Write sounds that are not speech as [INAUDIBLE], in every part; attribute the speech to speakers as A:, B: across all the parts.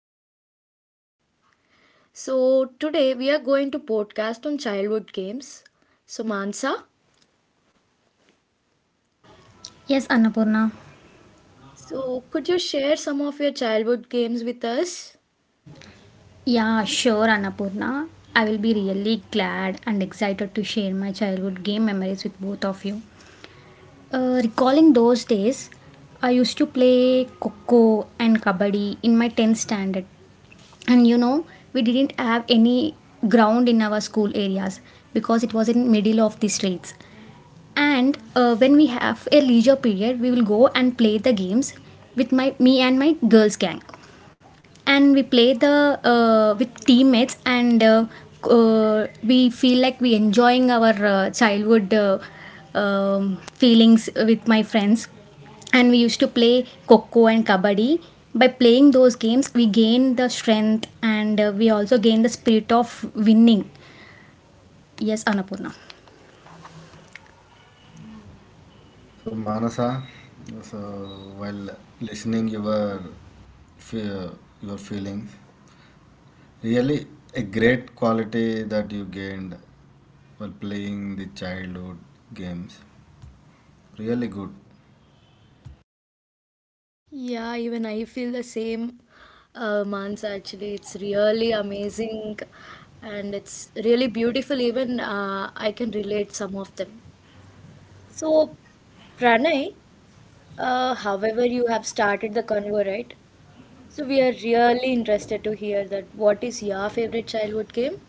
A: Mans and Pranay. So, today we are going to podcast on childhood games. So, Mansa,
B: Yes, Annapurna.
A: so could you share some of your childhood games with us?
B: Yeah, sure, Annapurna. I will be really glad and excited to share my childhood game memories with both of you. Recalling those days, I used to play Coco and Kabaddi in my 10th standard. And you know, we didn't have any ground in our school areas because it was in middle of the streets. And when we have a leisure period, we will go and play the games with my me and my girls gang, and we play the with teammates and we feel like we enjoying our childhood feelings with my friends. And we used to play coco and kabaddi. By playing those games, we gain the strength, and we also gain the spirit of winning. Yes, Annapurna.
C: So Manasa, so while listening your fe- your feelings, really a great quality that you gained while playing the childhood games. Really good.
A: Yeah, even I feel the same, Mansa. Actually, it's really amazing and it's really beautiful. Even I can relate some of them. So, Pranay, however, you have started the convo, right? So we are really interested to hear that. What is your favorite childhood game?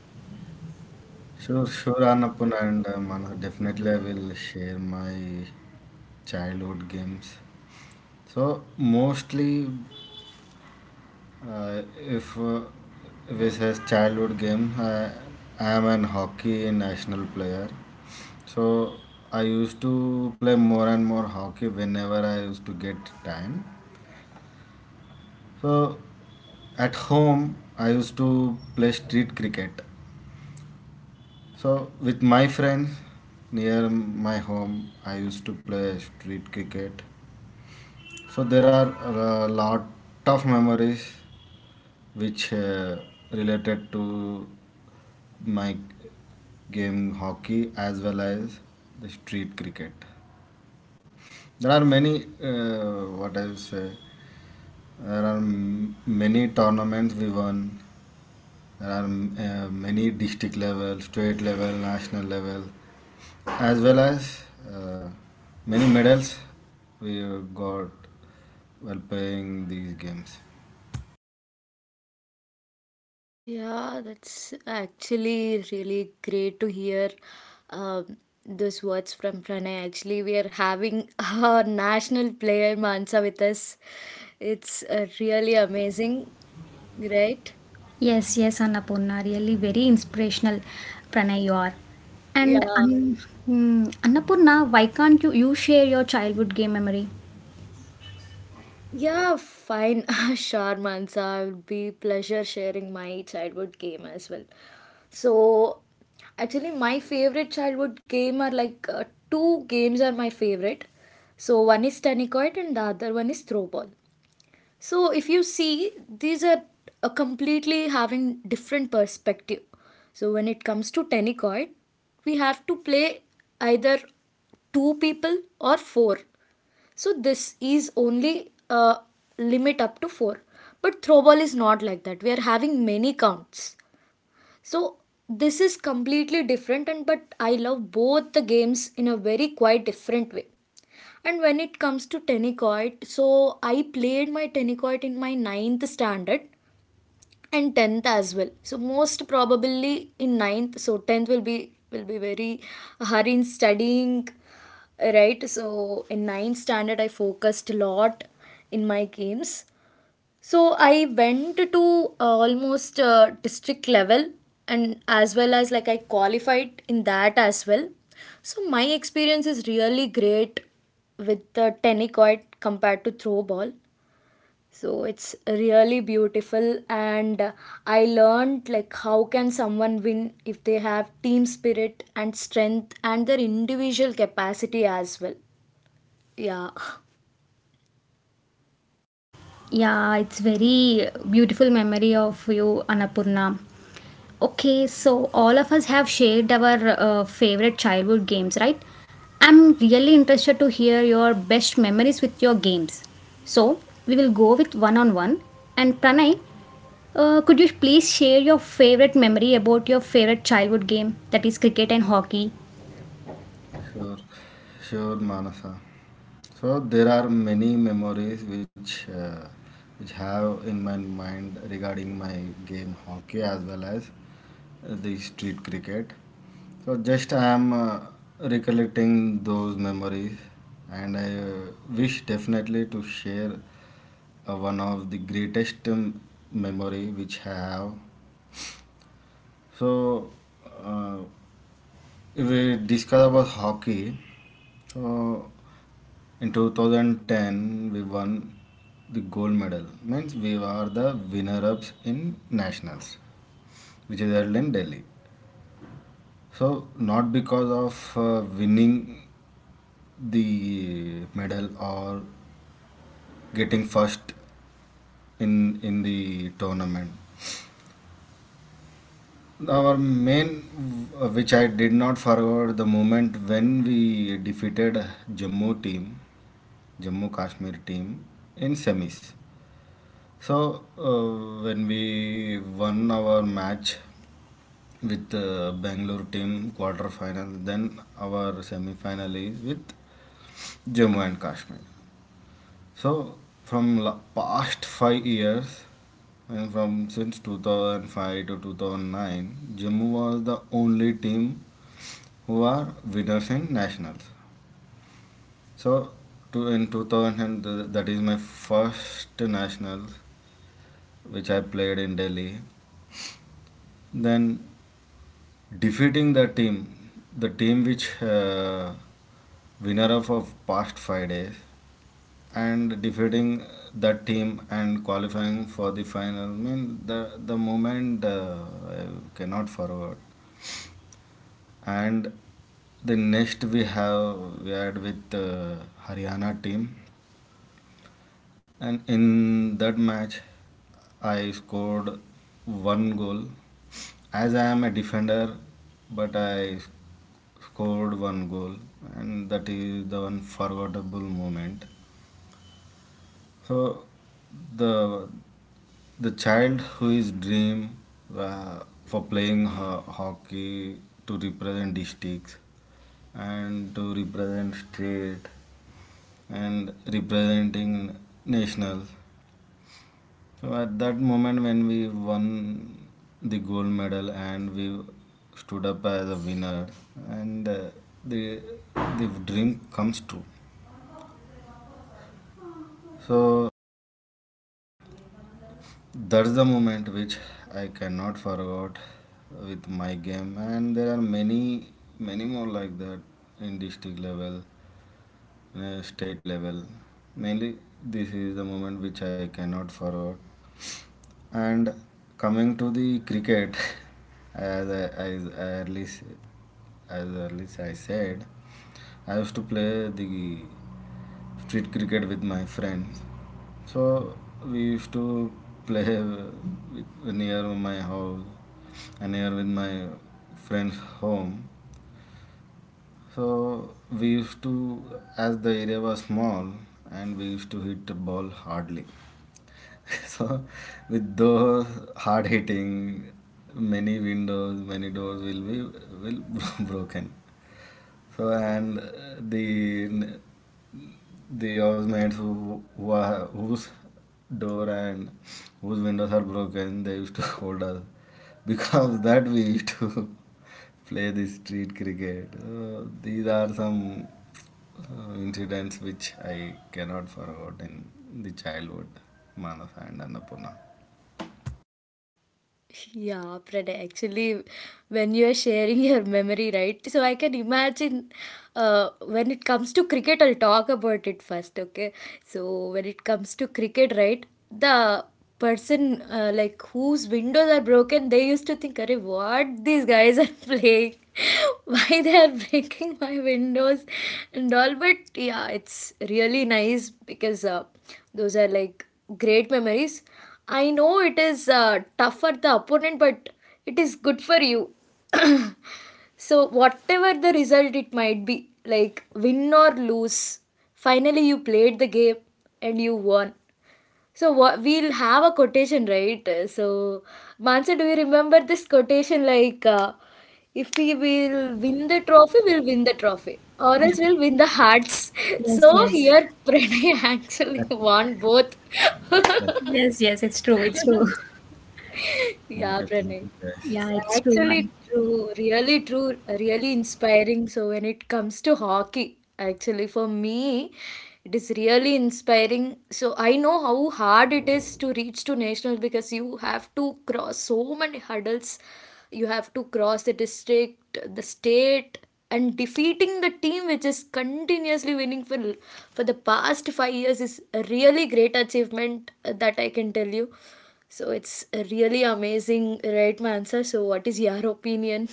C: Sure, sure, Annapurna and Manasa. Definitely, I will share my childhood games. So mostly if this is childhood game, I am an hockey national player. So I used to play more and more hockey whenever I used to get time. So at home, I used to play street cricket. So with my friends near my home, I used to play street cricket. So there are a lot of memories which related to my game hockey as well as the street cricket. There are many, what I would say, there are many tournaments we won. There are many district level, state level, national level, as well as uh, many medals we got while playing these games.
A: Yeah, that's actually really great to hear um, those words from Pranay. Actually, we are having [LAUGHS] our national player Mansa with us. It's really amazing, right?
B: Yes, yes, Annapurna, really very inspirational, Pranay, you are.
A: Yeah.
B: and um, mm, Annapurna, why can't you share your childhood game memory?
A: Yeah, fine. [LAUGHS] Sure, Mansa. It would be pleasure sharing my childhood game as well. So, actually, my favorite childhood game are like two games are my favorite. So one is tenicoid and the other one is throwball. So if you see, these are completely having different perspective. So when it comes to tenicoid, we have to play either two people or four, so this is only a limit up to 4. But throwball is not like that. We are having many counts. So this is completely different and but I love both the games in a very quite different way. And when it comes to tennis court, so I played my tennis court in my ninth standard and 10th as well, so most probably in ninth, so 10th will be very hard in studying, right? So in ninth standard I focused a lot in my games, so I went to almost district level, and as well as like I qualified in that as well. So my experience is really great with the tenicoid compared to throw ball. So it's really beautiful, and I learned like how can someone win if they have team spirit and strength and their individual capacity as well. Yeah. [LAUGHS]
B: Yeah, it's very beautiful memory of you, Annapurna. Okay, so all of us have shared our favorite childhood games, right? I'm really interested to hear your best memories with your games. So we will go with one on one. And Pranay, could you please share your favorite memory about your favorite childhood game, that is cricket and hockey?
C: Sure, sure, Manasa. So there are many memories which have in my mind regarding my game hockey as well as the street cricket. So just I am recollecting those memories, and I wish definitely to share one of the greatest memory which I have. So uh, if we discuss about hockey, so in 2010, we won the gold medal. Means we are the winner-ups in nationals, which is held in Delhi. So not because of winning the medal or getting first in the tournament. Our main, which I did not forget, the moment when we defeated Jammu team, Jammu Kashmir team in semis. So, when we won our match with Bangalore team quarter final, then our semi final is with Jammu and Kashmir. So, from past 5 years and from since 2005 to 2009, Jammu was the only team who are winners in nationals. So, to, in 2000, and that is my first nationals which I played in Delhi. Then defeating the team which winner of past 5 days, and defeating that team and qualifying for the final. I mean the moment I cannot forward. And the next we had with Haryana team. And in that match, I scored one goal. As I am a defender, but I scored one goal, and that is the unforgettable moment. So, the the child who is dream uh, for playing hockey to represent districts and to represent state and representing national. So at that moment when we won the gold medal and we stood up as a winner and the the dream comes true. So that's the moment which I cannot forget with my game, and there are many many more like that in district level, state level. Mainly this is the moment which I cannot forget. And coming to the cricket, [LAUGHS] as I, as I early, s- as early as I said, I used to play the street cricket with my friends. So we used to play near my house and near with my friend's home. So we used to, as the area was small, and we used to hit the ball hardly. [LAUGHS] So, with those hard hitting, many windows, many doors will be will [LAUGHS] broken. So, and the the housemates who are, whose door and whose windows are broken, they used to [LAUGHS] hold us because that we used to [LAUGHS] play the street cricket. These are some incidents which I cannot forget in the childhood, Manasa and Annapurna.
A: Yeah, Pranay, actually, when you are sharing your memory, right? So I can imagine when it comes to cricket, I'll talk about it first, okay? So when it comes to cricket, right? The person like whose windows are broken, they used to think, Arey, what these guys are [LAUGHS] playing? [LAUGHS] Why they are breaking my windows and all? But yeah, it's really nice because those are like great memories. I know it is tough for the opponent, but it is good for you. [CLEARS THROAT] So, whatever the result it might be, like win or lose, finally you played the game and you won. So, what, we'll have a quotation, right? So, Mansa, do you remember this quotation like, if we will win the trophy, we'll win the trophy, or
B: Yeah.
A: else we'll win the hearts. [LAUGHS]
B: Yes,
A: So,
B: yes.
A: here Pranay [LAUGHS] actually won both. [LAUGHS]
C: Yes,
B: Yes, yes, it's true. It's true. [LAUGHS]
A: Yeah,
C: thank
A: Pranay.
C: you, guys.
A: It's
B: Yeah, it's true, Anna.
A: actually true, really inspiring. So when it comes to hockey, actually for me, it is really inspiring. So I know how hard it is to reach to nationals because you have to cross so many hurdles. You have to cross the district, the state, and defeating the team which is continuously winning for the past 5 years is a really great achievement that I can tell you. So it's really amazing, right, Mansa? So what is your opinion?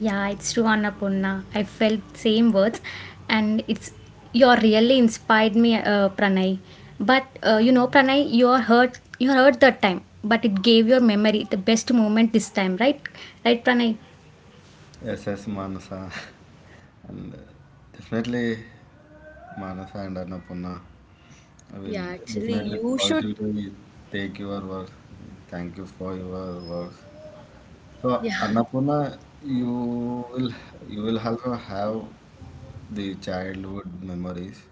B: Yeah, it's true, Annapurna. I felt same words, and it's you're really inspired me, Pranay. But you know, Pranay, you're hurt. You hurt that time, but it gave your memory the best moment this time, right? Right, Pranay.
C: Yes, yes, Manasa. [LAUGHS] And definitely, Manasa and Annapurna, I
A: Yeah,
C: will
A: actually,
C: definitely
A: you should.
C: positively take your words. Thank you for your words. So, Annapurna, you will you will also have the childhood memories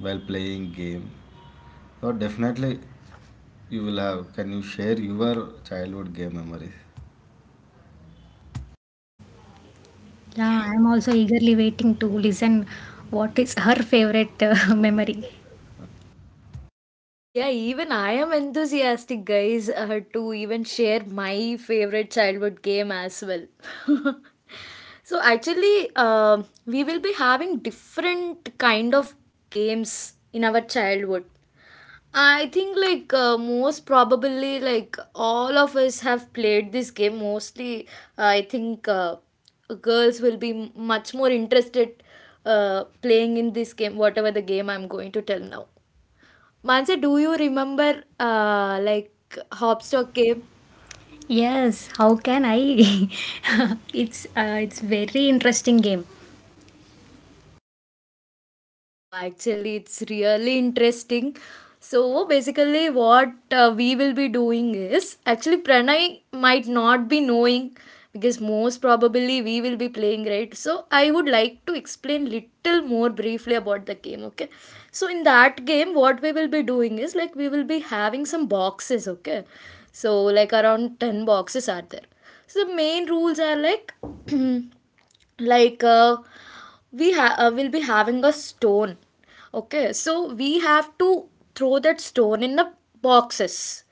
C: while playing game. So definitely, you will have. Can you share your childhood game memories?
B: Yeah, I'm also eagerly waiting to listen. What is her favorite [LAUGHS] memory?
A: Yeah, even I am enthusiastic, guys, to even share my favorite childhood game as well. [LAUGHS] So actually, we will be having different kind of games in our childhood. I think like most probably like all of us have played this game. Mostly, I think girls will be much more interested playing in this game, whatever the game I'm going to tell now. Mansa, do you remember like Hopstock game?
B: Yes, how can I? [LAUGHS] It's it's very interesting game.
A: Actually, it's really interesting. So basically, what we will be doing is actually Pranay might not be knowing because most probably we will be playing, right. So I would like to explain little more briefly about the game. Okay, so in that game, what we will be doing is like we will be having some boxes. Okay, so like around 10 boxes are there. So the main rules are like. [CLEARS THROAT] Like we will be having a stone, okay, so we have to throw that stone in the boxes.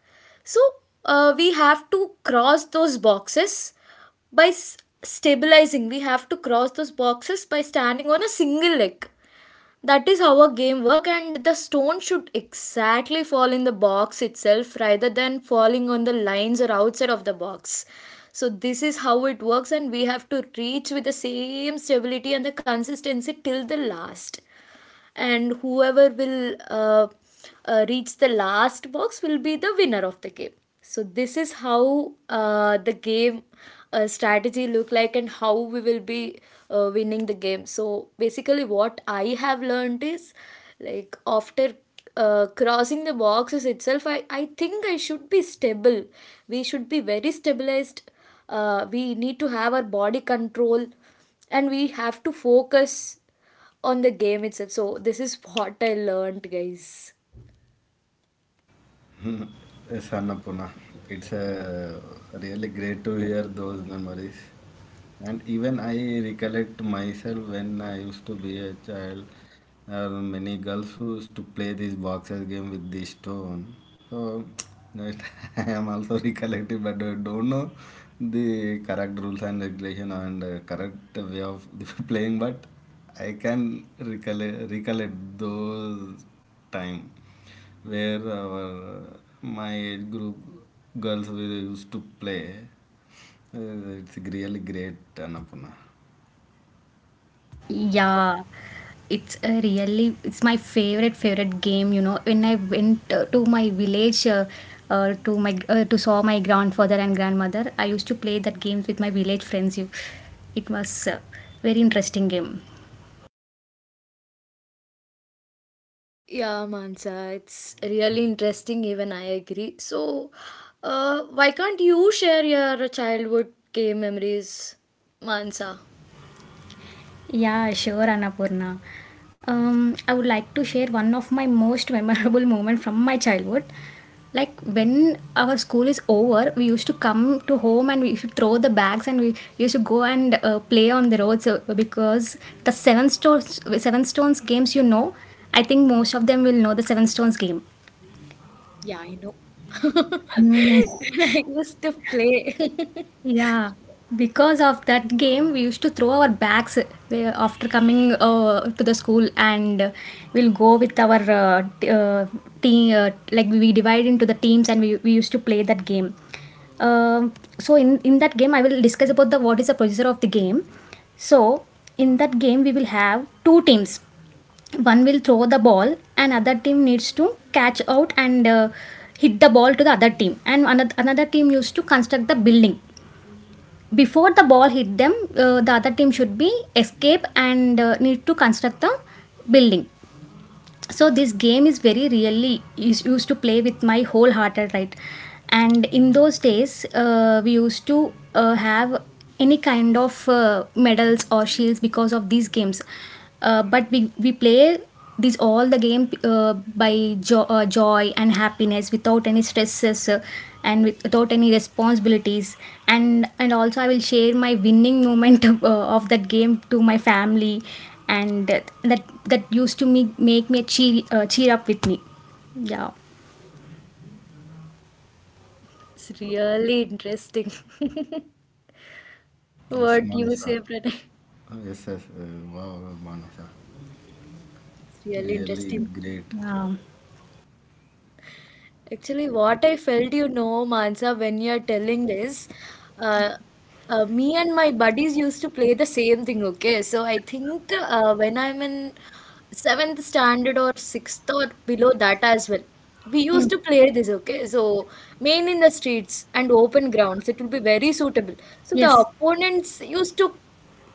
A: So we have to cross those boxes by stabilizing, we have to cross those boxes by standing on a single leg. That is how a game work, and the stone should exactly fall in the box itself rather than falling on the lines or outside of the box. So this is how it works, and we have to reach with the same stability and the consistency till the last. And whoever will reach the last box will be the winner of the game. So this is how the game strategy look like and how we will be winning the game. So basically what I have learned is like after crossing the boxes itself, I think I should be stable. We should be very stabilized. We need to have our body control, and we have to focus on the game itself. So this is what I learned, guys.
C: [LAUGHS] Yes, Annapurna. It's really great to hear those memories. And even I recollect myself when I used to be a child, there many girls who used to play this boxer game with the stone. So [TSK] that [LAUGHS] I am also recollecting, but I don't know the correct rules and regulation and correct way of [LAUGHS] playing. But I can recollect those time where our my age group girls we used to play. It's really great, Annapurna.
A: Yeah.
B: Yeah, it's a really it's my favorite game. You know, when I went to my village, to my to saw my grandfather and grandmother, I used to play that games with my village friends. You, it was very interesting game.
A: Yeah, Mansa, it's really interesting. Even I agree. So, why can't you share your childhood game memories, Mansa?
B: Yeah, sure, Annapurna. I would like to share one of my most memorable moment from my childhood. Like when our school is over, we used to come to home and we used to throw the bags and we used to go and play on the roads because the seven stones games, you know, I think most of them will know the seven stones game.
A: Yeah, I know. [LAUGHS] I used to play. [LAUGHS]
B: Yeah, because of that game, we used to throw our bags after coming to the school, and we'll go with our team. Like we divide into the teams, and we used to play that game. Um so in that game, I will discuss about the what is the procedure of the game. So in that game, we will have two teams. One will throw the ball, and other team needs to catch out and hit the ball to the other team. And another team used to construct the building. Before the ball hit them, the other team should be escape and need to construct the building. So this game is very really is used to play with my whole heart, right? And in those days we used to have any kind of medals or shields because of these games. But we play these all the game by joy and happiness without any stresses, without any responsibilities. And also I will share my winning moment [LAUGHS] of that game to my family, and that used to make me cheer up with me. Yeah.
A: It's really interesting. [LAUGHS]
C: Yes,
A: What you
C: Manasa.
A: say, Pranay?
C: Yes, yes. Wow, Manasa.
A: It's really
C: Really
A: interesting.
C: great.
B: Yeah.
A: Actually, what I felt, you know, Mansa, when you're telling this, uh, me and my buddies used to play the same thing, okay? So I think when I'm in seventh standard or sixth or below that as well, we used to play this, okay? So main in the streets and open grounds, it will be very suitable. So the
B: Yes.
A: opponents used to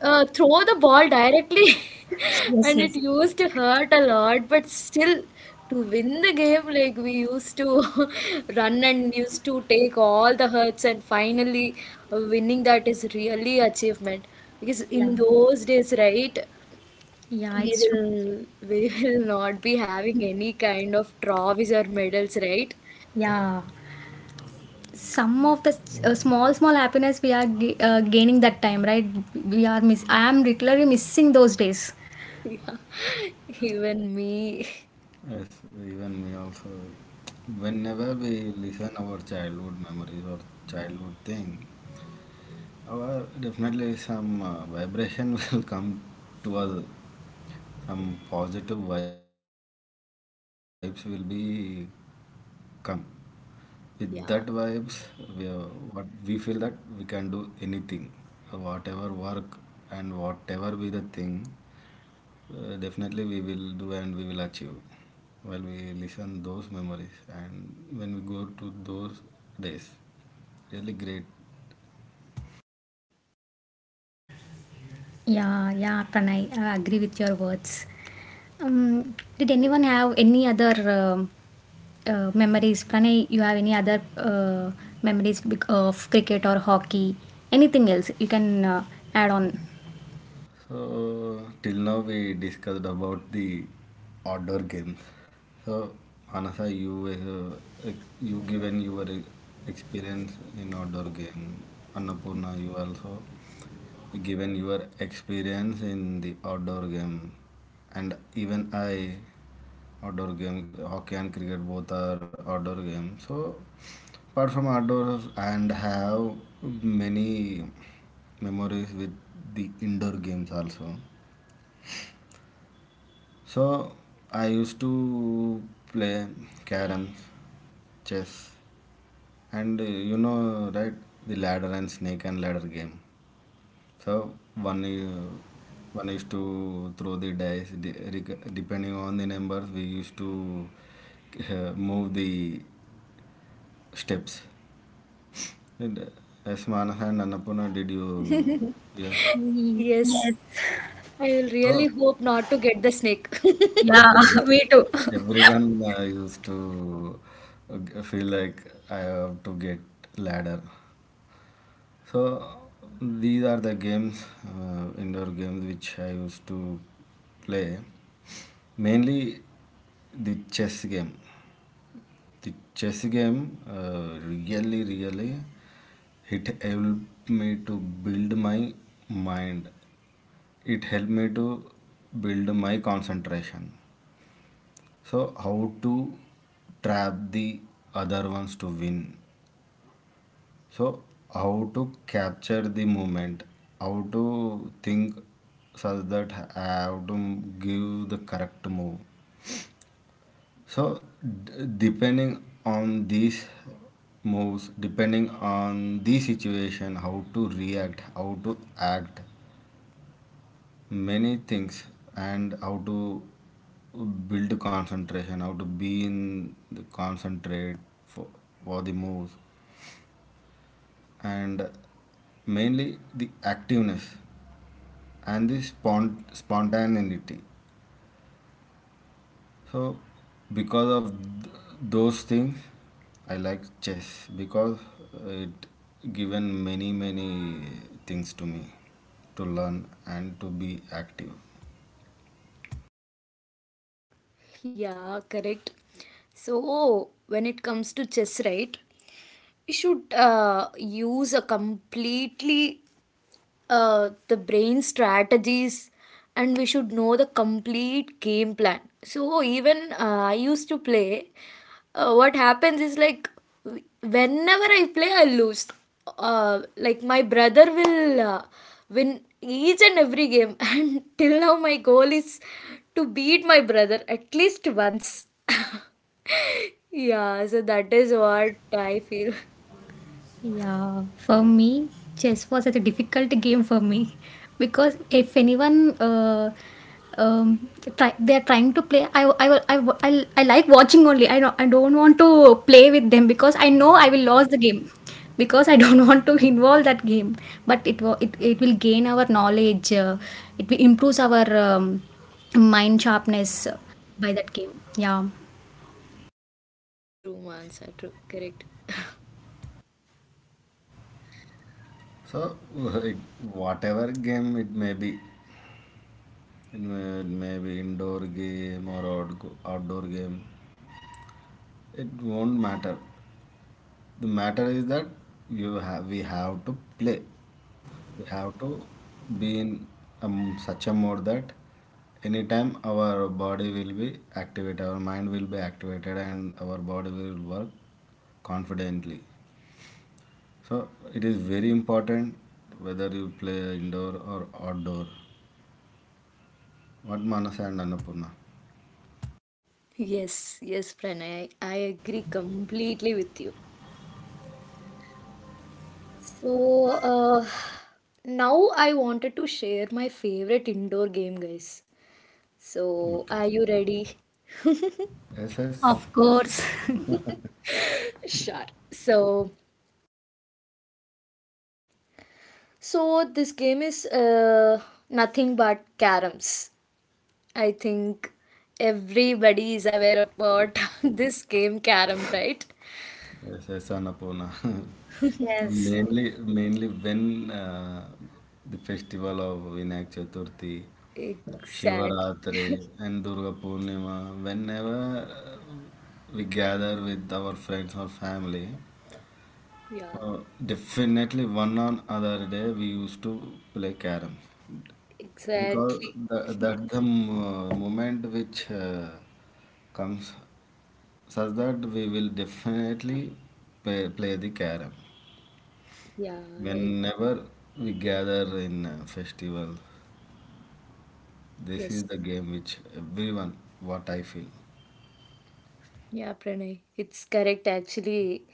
A: throw the ball directly [LAUGHS]
B: Yes,
A: and it
B: yes.
A: used to hurt a lot but still to win the game like we used to [LAUGHS] run and used to take all the hurts and finally winning that is really achievement, because
B: Yeah,
A: in those days, right,
B: yeah,
A: we
B: it's true.
A: will [LAUGHS] we will not be having any kind of trophies or medals, right.
B: Yeah, some of the small, small happiness we are gaining that time, right? We are miss. I am literally missing those days.
A: [LAUGHS] Yeah, even me. [LAUGHS]
C: Yes, even we also, whenever we listen our childhood memories or childhood thing, our definitely some vibration [LAUGHS] will come to us. Some positive vibes will be come. With that vibes, we,
A: Yeah.
C: what we feel that we can do anything, whatever work and whatever be the thing, definitely we will do and we will achieve. While we listen those memories and when we go to those days, really great.
B: Yeah, yeah, Pranay, I agree with your words. Did anyone have any other memories? Pranay, you have any other memories of cricket or hockey? Anything else you can add on?
C: So till now we discussed about the outdoor games. So Anasa, you you given your experience in outdoor game. Annapurna, you also given your experience in the outdoor game, and even I outdoor game hockey and cricket both are outdoor games. So apart from outdoors and have many memories with the indoor games also. So I used to play carrom, chess, and you know, right, the ladder and snake and ladder game. So one used to throw the dice depending on the numbers. We used to move the steps. And, as Manaha and Annapurna, did you? Yeah.
B: Ye-
A: Yes,
B: Yes.
A: I will really
C: So
A: hope not to get the snake. [LAUGHS]
C: [LAUGHS] yes,
B: Yeah,
C: yes.
B: [LAUGHS] me too.
C: Yes.
B: [LAUGHS]
C: Everyone used to feel like I have to get ladder. So these are the games, indoor games which I used to play. Mainly the chess game. The chess game really, really it helped me to build my mind. It helped me to build my concentration. So how to trap the other ones to win, so how to capture the moment, how to think such that how to give the correct move. So depending on these moves, depending on the situation, how to react, how to act, many things, and how to build concentration, how to be in the concentrate for, for the moves, and mainly the activeness and the spontaneity. So because of those things I like chess because it given many many things to me to learn and to be active.
A: Yeah, correct. So, when it comes to chess, right, we should use a completely the brain strategies, and we should know the complete game plan. So even I used to play, what happens is like whenever I play I lose, like my brother will win each and every game [LAUGHS] and till now my goal is to beat my brother at least once. [LAUGHS] Yeah, so that is what I feel.
B: Yeah, for me, chess was such a difficult game for me [LAUGHS] because if anyone um, they are trying to play, I like watching only. I don't want to play with them because I know I will lose the game [LAUGHS] because I don't [LAUGHS] want to involve that game. But it, it will gain our knowledge, it will improves our mind sharpness by that game. Yeah,
A: True, Mansa. True, correct.
C: So [LAUGHS] it, whatever game it may be, Inward, maybe indoor game or outdoor game. It won't matter. The matter is that you have we have to play. We have to be in such a mode that anytime our body will be activated, our mind will be activated, and our body will work confidently. So it is very important whether you play indoor or outdoor. What Manas and Annapurna?
A: Yes, yes, Pranay, I agree completely with you. So, now I wanted to share my favorite indoor game, guys. So,
C: Okay.
A: are you ready? [LAUGHS]
C: Yes, yes.
B: of course.
A: Sure. So, this game is nothing but caroms. I think everybody is aware about [LAUGHS] this game, carom, right?
C: Yes, yes, Annapurna. [LAUGHS]
B: [LAUGHS] Yes.
C: Mainly when the festival of Vinayak Chaturthi,
A: Exactly.
C: Shivaratri, and Durga Purnima, whenever we gather with our friends or family,
A: Yeah,
C: uh, definitely one on other day we used to play carom because
A: exactly.
C: the moment which comes such that we will definitely play the carom.
A: Yeah,
C: Whenever we gather in a festival, this
A: yes.
C: is the game which everyone, what I feel,
A: Yeah, Pranay, it's correct actually.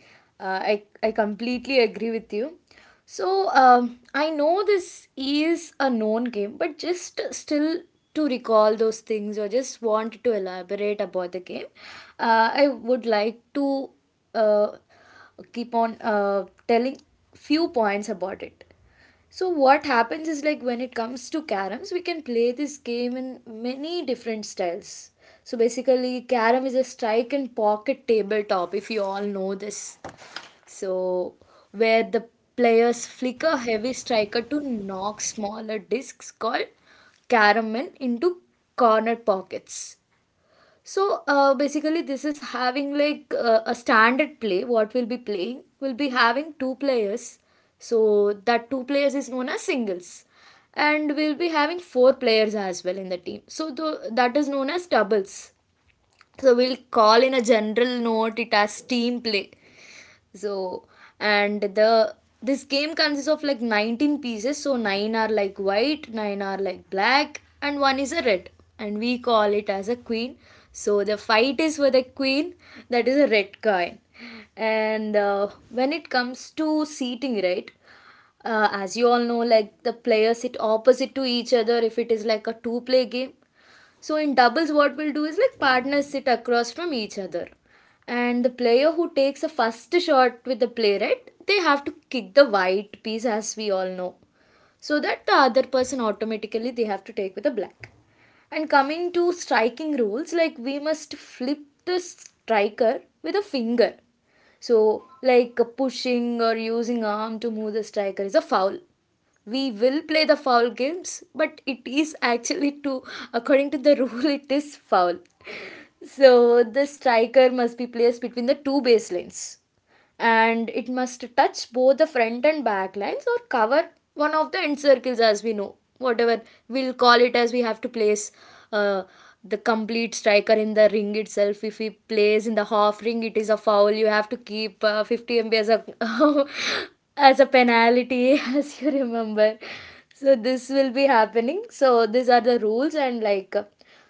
A: I completely agree with you. So, I know this is a known game, but just still to recall those things or just want to elaborate about the game, I would like to uh, keep on telling few points about it. So what happens is like when it comes to caroms, we can play this game in many different styles. So basically, carom is a strike and pocket tabletop, if you all know this. So where the players flick a heavy striker to knock smaller discs called caramel into corner pockets. So basically, this is having like a standard play. What we'll be playing will be having two players. So that two players is known as singles, and we'll be having four players as well in the team. So that is known as doubles. So we'll call in a general note it as team play. So and the this game consists of like 19 pieces, so 9 are like white, 9 are like black, and one is a red, and we call it as a queen. So the fight is for the queen, that is a red coin. And when it comes to seating, right, as you all know like the players sit opposite to each other if it is like a two player game. So in doubles, what we'll do is like partners sit across from each other, and the player who takes a first shot with the playwright, they have to kick the white piece as we all know, so that the other person automatically they have to take with the black. And coming to striking rules, like we must flip the striker with a finger. So, like pushing or using arm to move the striker is a foul. We will play the foul games, but it is actually to according to the [LAUGHS] rule it is foul. So the striker must be placed between the two baselines and it must touch both the front and back lines or cover one of the end circles, as we know whatever we'll call it as, we have to place uh, the complete striker in the ring itself. If he plays in the half ring it is a foul, you have to keep 50 MB as a [LAUGHS] as a penalty [LAUGHS] as you remember. So this will be happening, so these are the rules, and like,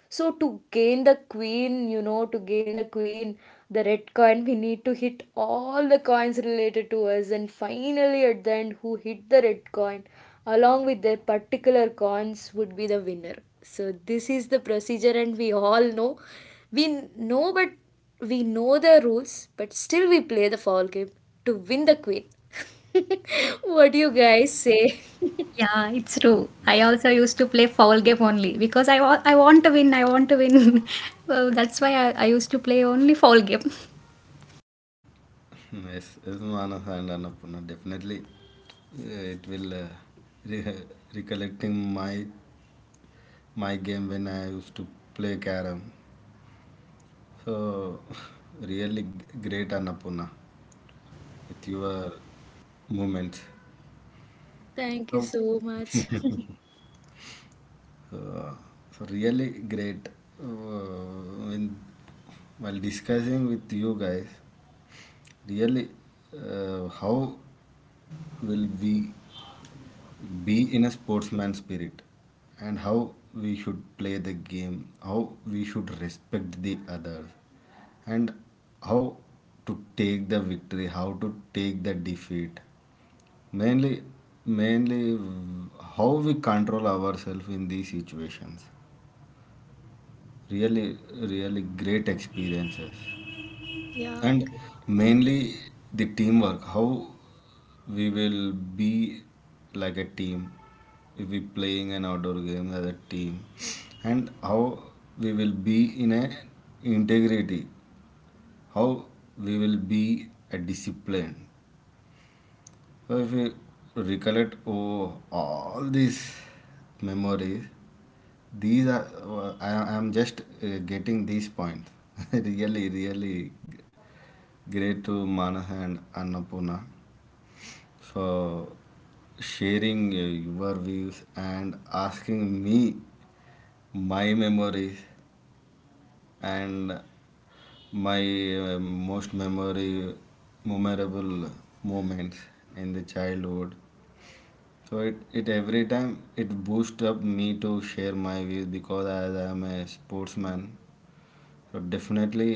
A: so to gain the queen, you know, to gain the queen, the red coin, we need to hit all the coins related to us, and finally at the end, who hit the red coin along with their particular coins would be the winner. So this is the procedure, and we all know, we know, but we know the rules, but still we play the foul game to win the queen. [LAUGHS] What do you guys say? [LAUGHS]
B: Yeah, it's true. I also used to play foul game only because I want to win. I want to win. [LAUGHS] Well, that's why I used to play only foul game. [LAUGHS]
C: [LAUGHS] yes, is Manas and Annapurna. Definitely, it will re- recollecting my game when I used to play carom. So, [LAUGHS] really great Annapurna with your movements.
A: Thank you
C: So,
A: so much.
C: uh, really great when while discussing with you guys. Really, how will we be in a sportsman spirit, and how we should play the game, how we should respect the others, and how to take the victory, how to take the defeat. Mainly, Mainly how we control ourselves in these situations. Really, really great experiences.
A: [LAUGHS] Yeah.
C: And mainly the teamwork, how we will be like a team if we playing an outdoor game as a team, and how we will be in a integrity, how we will be a discipline. So if we recollect, oh, all these memories, these are, I am just getting these points. [LAUGHS] Really really great to Manaha and Annapurna for sharing your views and asking me my memories and my most memory memorable moments in the childhood. So it every time it boosts up me to share my views because as I am a sportsman. So definitely,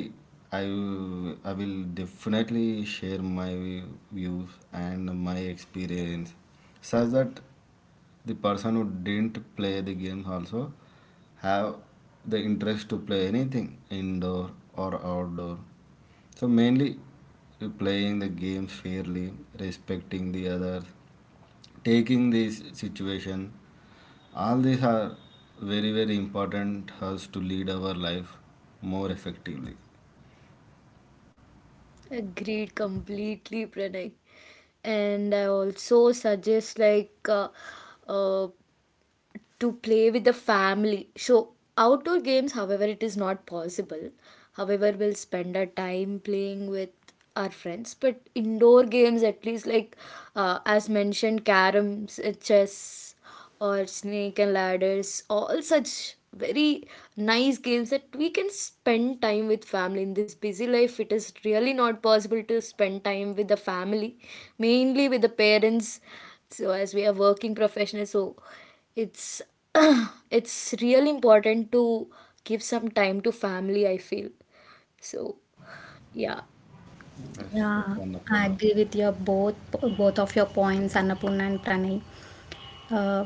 C: I will definitely share my views and my experience, such that the person who didn't play the games also have the interest to play anything indoor or outdoor. So mainly, playing the games fairly, respecting the others, taking this situation, all these are very very important us to lead our life more effectively.
A: Agreed completely, Pranay. And I also suggest like uh, to play with the family. So, outdoor games, however, it is not possible. However, we'll spend our time playing with our friends. But indoor games, at least, like as mentioned, caroms, chess, or snake and ladders, all such very nice games that we can spend time with family. In this busy life it is really not possible to spend time with the family, mainly with the parents, so as we are working professionals, so it's [CLEARS THROAT] it's real important to give some time to family, I feel. So, yeah.
C: Yes, yes,
B: Yeah, I
C: Annapurna.
B: agree with your both of your points, Annapurna and Pranay. Uh,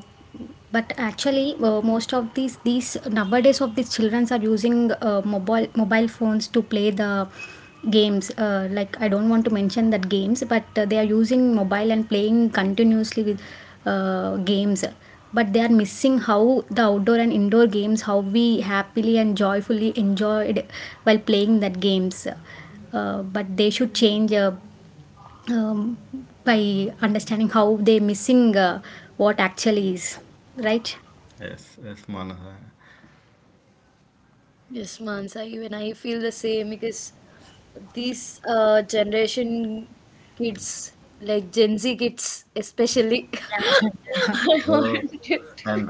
B: but actually, most of these nowadays of these childrens are using mobile phones to play the games. Like I don't want to mention that games, but they are using mobile and playing continuously with games. But they are missing how the outdoor and indoor games, how we happily and joyfully enjoyed while playing that games. But they should change, um, by understanding how they missing what actually is right.
C: Yes, yes, Manas.
A: Yes, Mansa, even I feel the same because these generation kids, like Gen Z kids especially, [LAUGHS] I
C: So,
A: wanted to.
C: and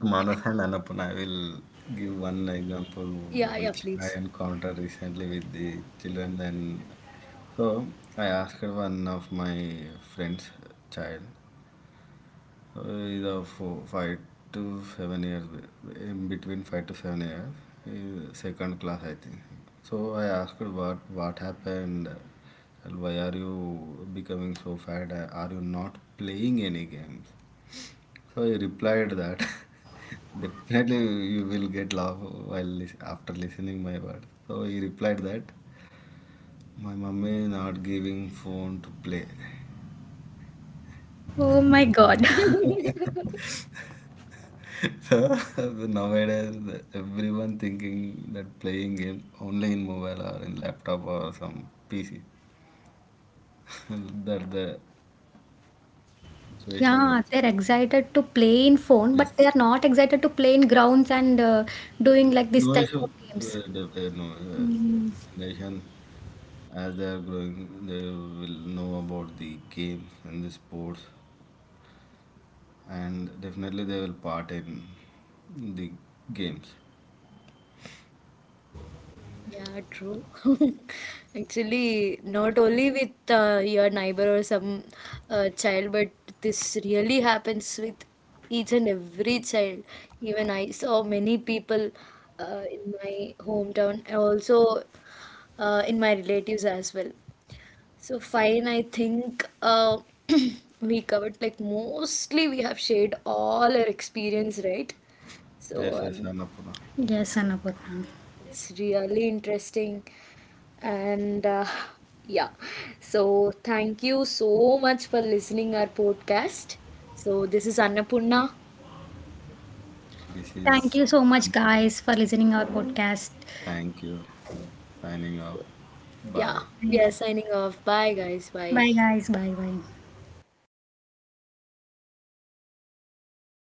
C: Manas and Annapurna, I will give one example
A: Yeah, yeah,
C: which I
A: please.
C: encountered recently with the children. And so, I asked one of my friend's child. Uh, the 5 to 7 years, in between 5 to 7 years, second class, I think. So I asked her what happened, and why are you becoming so fat? Are you not playing any games? So he replied that [LAUGHS] definitely you will get laugh while after listening my words. So he replied that my mummy is not giving phone to play.
B: Oh my god. [LAUGHS]
A: [LAUGHS]
C: So [LAUGHS] nowadays, everyone thinking that playing game only in mobile or in laptop or some PC. [LAUGHS] That the situation
B: Yeah,
C: is
B: they're excited to play in phone but they
C: yes.
B: are not excited to play in grounds and doing like this
C: No
B: type
C: issue.
B: of games.
C: No uh,
B: Mm.
C: nation as they are growing, they will know about the games and the sports, and definitely they will part in the games.
A: Yeah, true. [LAUGHS] Actually, not only with your neighbor or some child, but this really happens with each and every child. Even I saw many people in my hometown, and also in my relatives as well. So, fine, I think [CLEARS THROAT] we covered like mostly we have shared all our experience, right?
C: Yes,
A: So,
C: yes, Annapurna.
B: Yes, Annapurna.
A: it's really interesting. And [LAUGHS] yeah, so thank you so much for listening our podcast. So this is Annapurna.
C: This
B: Thank
C: is
B: you so much guys for listening our podcast.
C: thank you. Signing off.
A: Yeah,
C: Bye.
A: we are
B: Bye,
A: signing off. Bye guys. Bye.
B: bye guys, bye bye.